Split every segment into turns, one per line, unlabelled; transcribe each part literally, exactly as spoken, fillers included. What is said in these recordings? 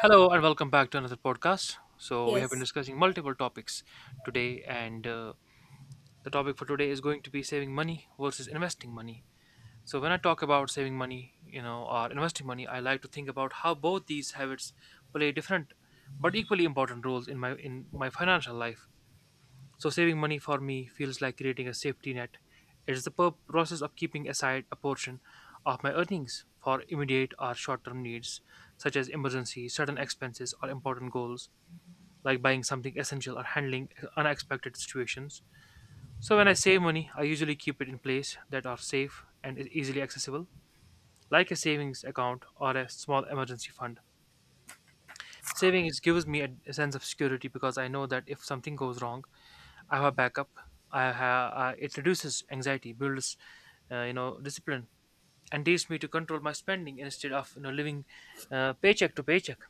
Hello and welcome back to another podcast. So we have been
Yes,
discussing multiple topics today, and uh, the topic for today is going to be saving money versus investing money. So when I talk about saving money, you know, or investing money, I like to think about how both these habits play different but equally important roles in my in my financial life. So saving money for me feels like creating a safety net. It is the pur- process of keeping aside a portion of my earnings for immediate or short-term needs such as emergency, sudden expenses, or important goals like buying something essential or handling unexpected situations. So when I save money, I usually keep it in places that are safe and easily accessible, like a savings account or a small emergency fund. Savings gives me a, a sense of security because I know that if something goes wrong, I have a backup. I have uh, it reduces anxiety, builds uh, you know discipline, and teaches me to control my spending instead of you know living uh, paycheck to paycheck.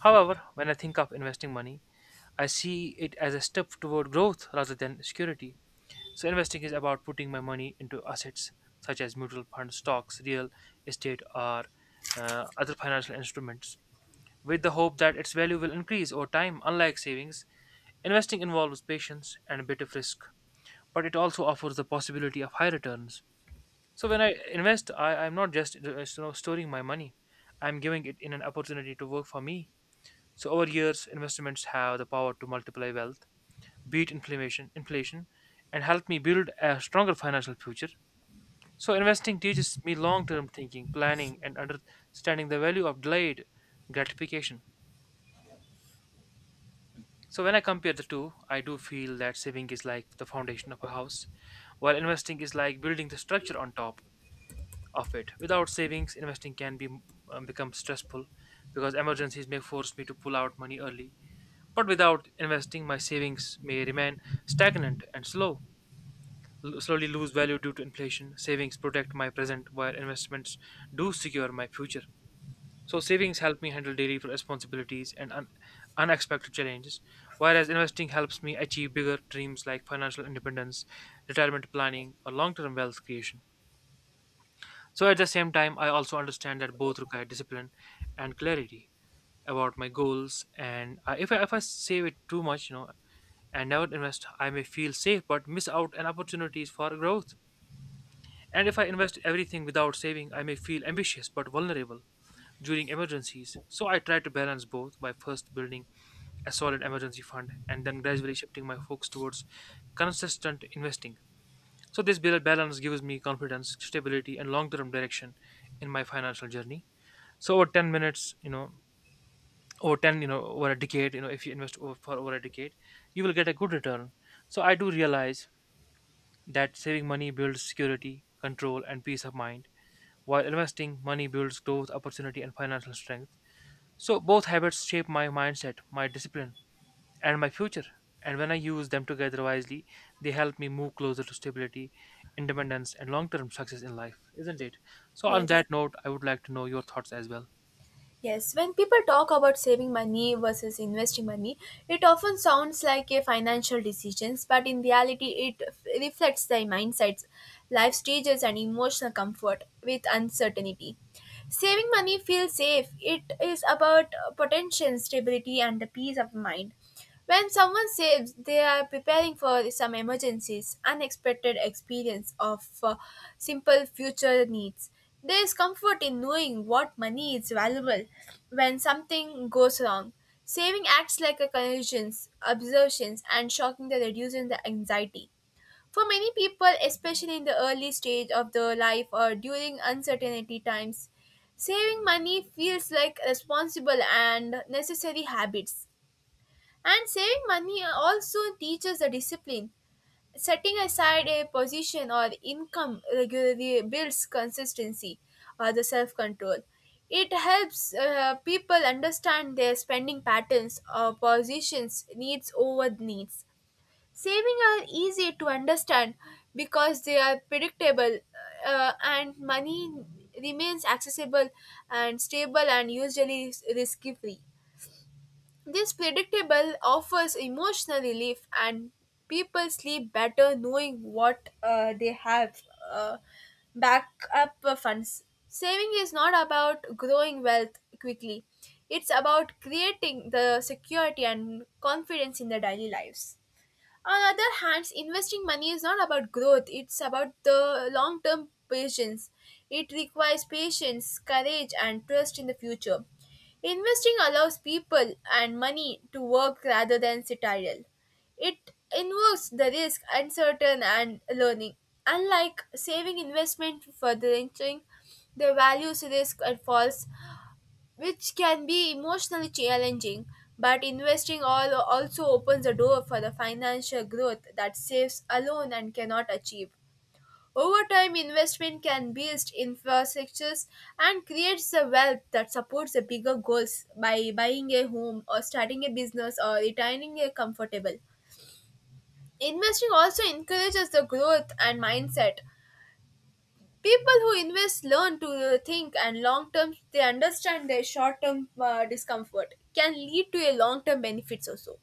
However, when I think of investing money, I see it as a step toward growth rather than security. So investing is about putting my money into assets such as mutual funds, stocks, real estate, or uh, other financial instruments with the hope that its value will increase over time. Unlike savings, investing involves patience and a bit of risk, but it also offers the possibility of high returns. So when I invest, I, I'm not just uh, you know, storing my money; I'm giving it in an opportunity to work for me. So over years, investments have the power to multiply wealth beat inflammation, inflation, and help me build a stronger financial future. So investing teaches me long-term thinking, planning, and understanding the value of delayed gratification. So when I compare the two, I do feel that saving is like the foundation of a house, while investing is like building the structure on top of it. Without savings, investing can be um, become stressful because emergencies may force me to pull out money early. But without investing, my savings may remain stagnant and slow. L- slowly lose value due to inflation. Savings protect my present, while investments do secure my future. So, savings help me handle daily responsibilities and un- unexpected challenges, whereas investing helps me achieve bigger dreams like financial independence, retirement planning, or long term wealth creation. So, at the same time, I also understand that both require discipline and clarity about my goals. And I, if, I, if I save it too much, you know, and never invest, I may feel safe but miss out on opportunities for growth. And if I invest everything without saving, I may feel ambitious but vulnerable during emergencies. So I try to balance both by first building a solid emergency fund and then gradually shifting my focus towards consistent investing. So this bal- balance gives me confidence, stability, and long-term direction in my financial journey. So over ten minutes, you know, over ten, you know, over a decade, you know, if you invest over, for over a decade, you will get a good return. So I do realize that saving money builds security, control, and peace of mind while investing money builds growth, opportunity, and financial strength. So both habits shape my mindset, my discipline, and my future. And when I use them together wisely, they help me move closer to stability, independence, and long-term success in life, isn't it? So on
yes,
that note, I would like to know your thoughts as well.
yes. When people talk about saving money versus investing money, it often sounds like a financial decisions, but in reality, it f- reflects their mindsets, life stages, and emotional comfort with uncertainty. Saving money feels safe. It is about uh, potential stability and the peace of mind. When someone saves, they are preparing for some emergencies, unexpected experience of uh, simple future needs. There is comfort in knowing what money is valuable when something goes wrong. Saving acts like a conscience, observations, and shocking that reduces the anxiety. For many people, especially in the early stage of their life or during uncertainty times, saving money feels like responsible and necessary habits. And saving money also teaches the discipline. Setting aside a position or income regularly builds consistency or the self control. It helps uh, people understand their spending patterns or positions, needs over needs. Saving are easy to understand because they are predictable uh, and money remains accessible and stable and usually risk free. This predictable offers emotional relief, and people sleep better knowing what uh, they have uh, backup funds. Saving is not about growing wealth quickly, it's about creating the security and confidence in their daily lives. On the other hand, investing money is not about growth, it's about the long term patience. It requires patience, courage, and trust in the future. Investing allows people and money to work rather than sit idle. It involves the risk, uncertain, and learning. Unlike saving investment for the entering, the values risk and falls which can be emotionally challenging, but investing all also opens the door for the financial growth that saves alone and cannot achieve. Over time, investment can build infrastructures and creates the wealth that supports the bigger goals by buying a home or starting a business or retiring a comfortable. Investing also encourages the growth and mindset. People who invest learn to think, and long term, they understand their short term uh, discomfort can lead to a long term benefits also.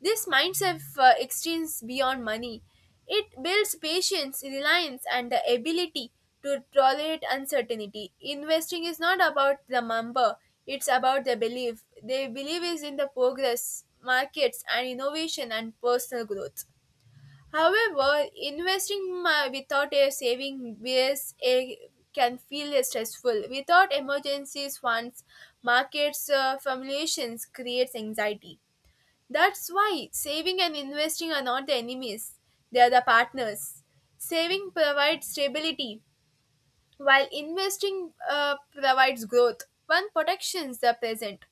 This mindset uh, extends beyond money. It builds patience, reliance, and the ability to tolerate uncertainty. Investing is not about the number, it's about the belief. Their belief is in the progress, markets, and innovation and personal growth. However, investing mo- without a saving base eh, can feel stressful. Without emergencies funds, markets uh, formulations creates anxiety. That's why saving and investing are not the enemies; they are the partners. Saving provides stability, while investing uh, provides growth, one protects the present,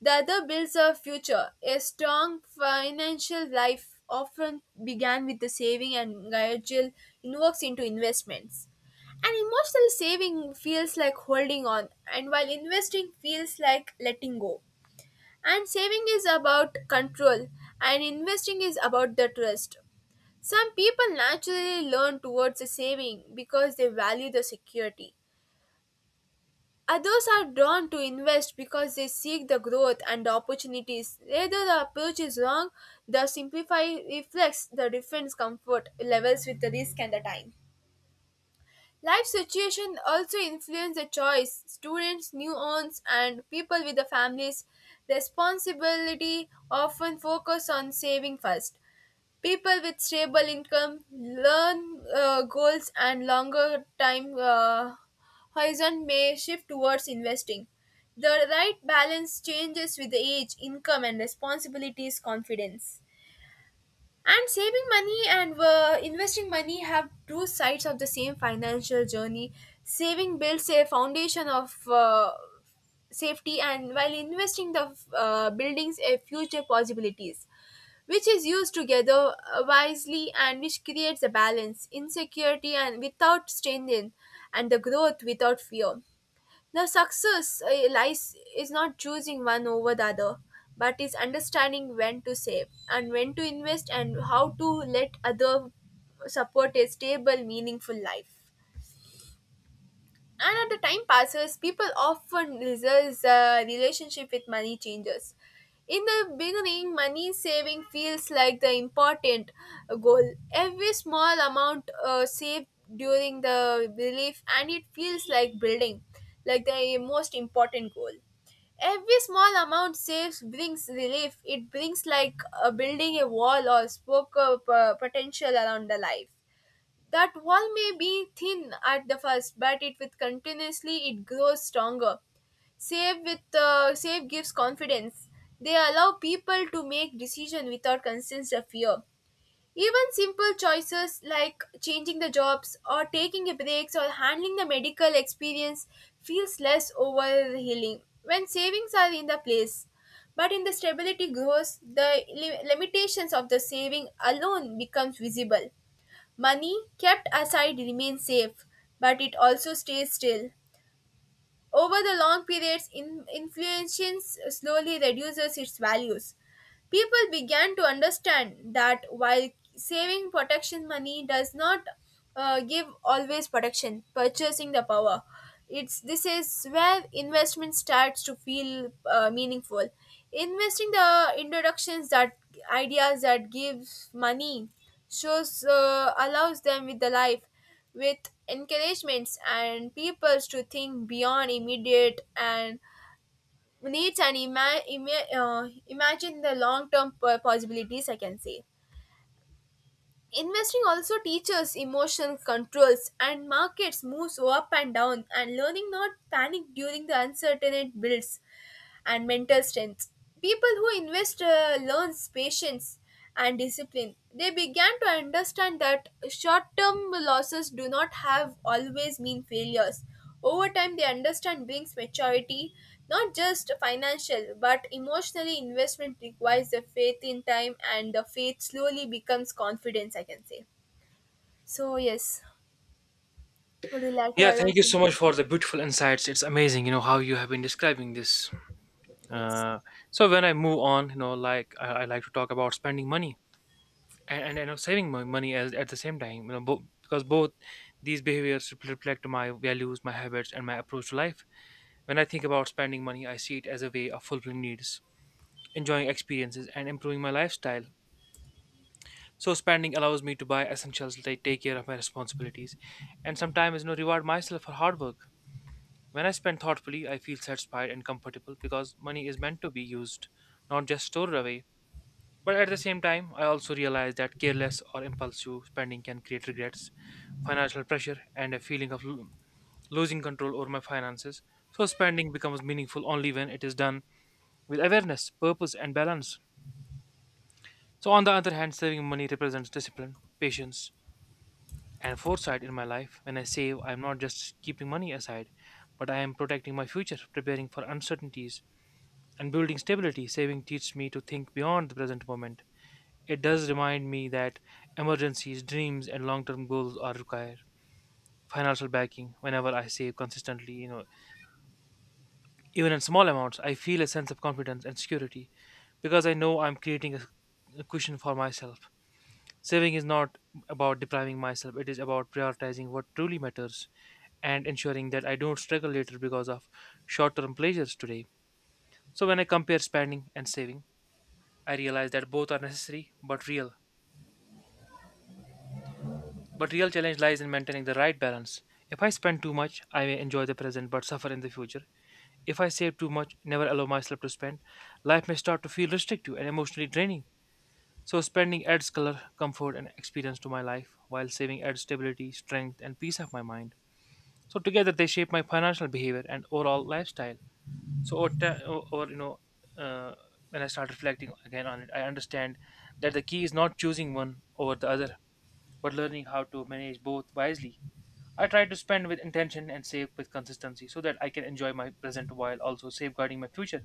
the other builds a future. A strong financial life often began with the saving and gradual invokes into investments. An emotional saving feels like holding on, and while investing feels like letting go. And saving is about control, and investing is about the trust. Some people naturally learn towards the saving because they value the security. Others are drawn to invest because they seek the growth and opportunities. Either the approach is wrong, the simplify reflects the different comfort levels with the risk and the time. Life situation also influence the choice. Students, new newborns, and people with the families' responsibility often focus on saving first. People with stable income, learn uh, goals, and longer time uh, horizon may shift towards investing. The right balance changes with the age, income, and responsibilities. Confidence. And saving money and uh, investing money have two sides of the same financial journey. Saving builds a foundation of uh, safety, and while investing, the uh, buildings a future possibilities, which is used together uh, wisely and which creates a balance, insecurity, and without strain, and the growth without fear. The success eh, lies is not choosing one over the other, but is understanding when to save and when to invest and how to let other support a stable, meaningful life. And as the time passes, people often result the relationship with money changes. In the beginning, money saving feels like the important goal. Every small amount uh, saved during the belief, and it feels like building, like the most important goal. Every small amount saves brings relief. It brings like uh, building a wall or spoke of uh, potential around the life. That wall may be thin at the first, but it with continuously it grows stronger. Save with uh, save gives confidence. They allow people to make decision without constant fear. Even simple choices like changing the jobs or taking a breaks or handling the medical experience feels less overhealing when savings are in the place. But in the stability grows, the li- limitations of the saving alone becomes visible. Money kept aside remains safe, but it also stays still. Over the long periods, in- inflation slowly reduces its values. People began to understand that while saving protection money does not uh, give always protection, purchasing the power. It's this is where investment starts to feel uh, meaningful. Investing the introductions that ideas that gives money shows uh, allows them with the life with encouragements and peoples to think beyond immediate and needs and ima- ima- uh, imagine the long term possibilities, I can say. Investing also teaches emotional controls and markets moves up and down and learning not panic during the uncertainty builds and mental strength. People who invest uh, learns patience and discipline. They began to understand that short-term losses do not have always mean failures. Over time, they understand brings maturity, not just financial but emotionally. Investment requires the faith in time, and the faith slowly becomes confidence, I can say. So yes, would you like to
Yeah,
add
thank
on
you
something?
so much for the beautiful insights. It's amazing, you know, how you have been describing this.
Yes.
Uh, so when I move on, you know, like I, I like to talk about spending money. and, and you know saving my money as, at the same time you know bo- because both these behaviors rep- reflect my values, my habits, and my approach to life. When I think about spending money, I see it as a way of fulfilling needs, enjoying experiences, and improving my lifestyle. So spending allows me to buy essentials, like take care of my responsibilities and sometimes, you know, reward myself for hard work. When I spend thoughtfully, I feel satisfied and comfortable because money is meant to be used, not just stored away. But at the same time, I also realize that careless or impulsive spending can create regrets, financial pressure, and a feeling of lo- losing control over my finances. So, spending becomes meaningful only when it is done with awareness, purpose, and balance. So, on the other hand, saving money represents discipline, patience, and foresight in my life. When I save, I am not just keeping money aside, but I am protecting my future, preparing for uncertainties, and building stability. Saving teaches me to think beyond the present moment. It does remind me that emergencies, dreams, and long-term goals are required financial backing. Whenever I save consistently, you know, even in small amounts, I feel a sense of confidence and security because I know I'm creating a, a cushion for myself. Saving is not about depriving myself; it is about prioritizing what truly matters and ensuring that I don't struggle later because of short term pleasures today. So, when I compare spending and saving, I realize that both are necessary but real But real challenge lies in maintaining the right balance. If I spend too much, I may enjoy the present but suffer in the future. If I save too much, never allow myself to spend, life may start to feel restrictive and emotionally draining. So spending adds color, comfort, and experience to my life, while saving adds stability, strength, and peace of my mind. So together they shape my financial behavior and overall lifestyle. So over, ti- o- over you know, uh, when I start reflecting again on it, I understand that the key is not choosing one over the other, but learning how to manage both wisely. I try to spend with intention and save with consistency so that I can enjoy my present while also safeguarding my future.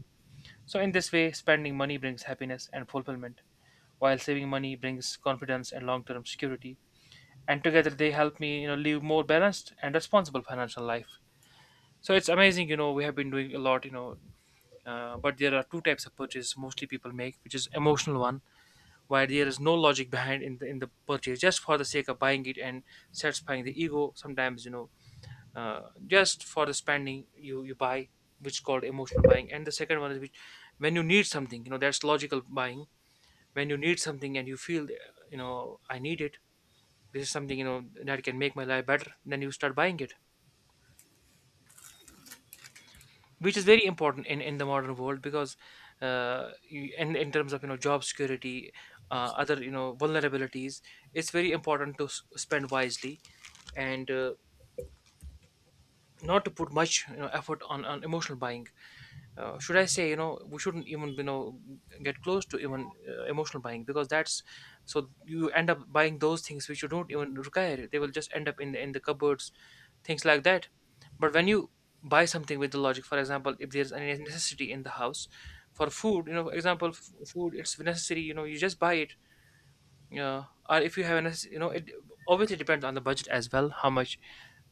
So, in this way, spending money brings happiness and fulfillment, while saving money brings confidence and long term security. And together, they help me, you know, live more balanced and responsible financial life. So it's amazing, you know, we have been doing a lot, you know, uh, but there are two types of purchases mostly people make. Which is emotional one, where there is no logic behind in the in the purchase, just for the sake of buying it and satisfying the ego. Sometimes, you know, uh, just for the spending you you buy, which is called emotional buying. And the second one is, which when you need something, you know, that's logical buying. When you need something and you feel, uh, you know, I need it, this is something, you know, that can make my life better, then you start buying it, which is very important in in the modern world, because uh you- in in terms of, you know, job security, uh, other, you know, vulnerabilities, it's very important to s- spend wisely and uh, not to put much, you know, effort on, on emotional buying. Uh, should I say, you know, we shouldn't even, you know, get close to even uh, emotional buying, because that's so you end up buying those things which you don't even require. They will just end up in the, in the cupboards, things like that. But when you buy something with the logic, for example, if there's any necessity in the house for food, you know, for example, f- food, it's necessary, you know, you just buy it. Uh, or if you have an, you know, it obviously depends on the budget as well, how much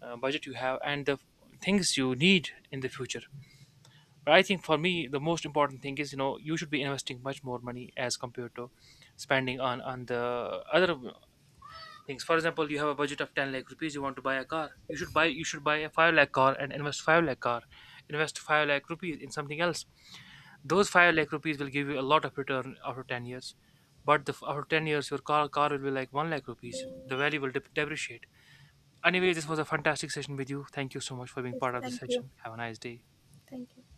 uh, budget you have and the things you need in the future. But I think for me, the most important thing is, you know, you should be investing much more money as compared to spending on on the other things. For example, you have a budget of ten lakh rupees. You want to buy a car. You should buy you should buy a five lakh car and invest five lakh car, invest five lakh rupees in something else. Those five lakh rupees will give you a lot of return after ten years. But the, after ten years, your car car will be like one lakh rupees. The value will dep- depreciate. Anyway, this was a fantastic session with you. Thank you so much for being
Yes.
part of this
Thank you.
session. Have a nice day.
Thank you.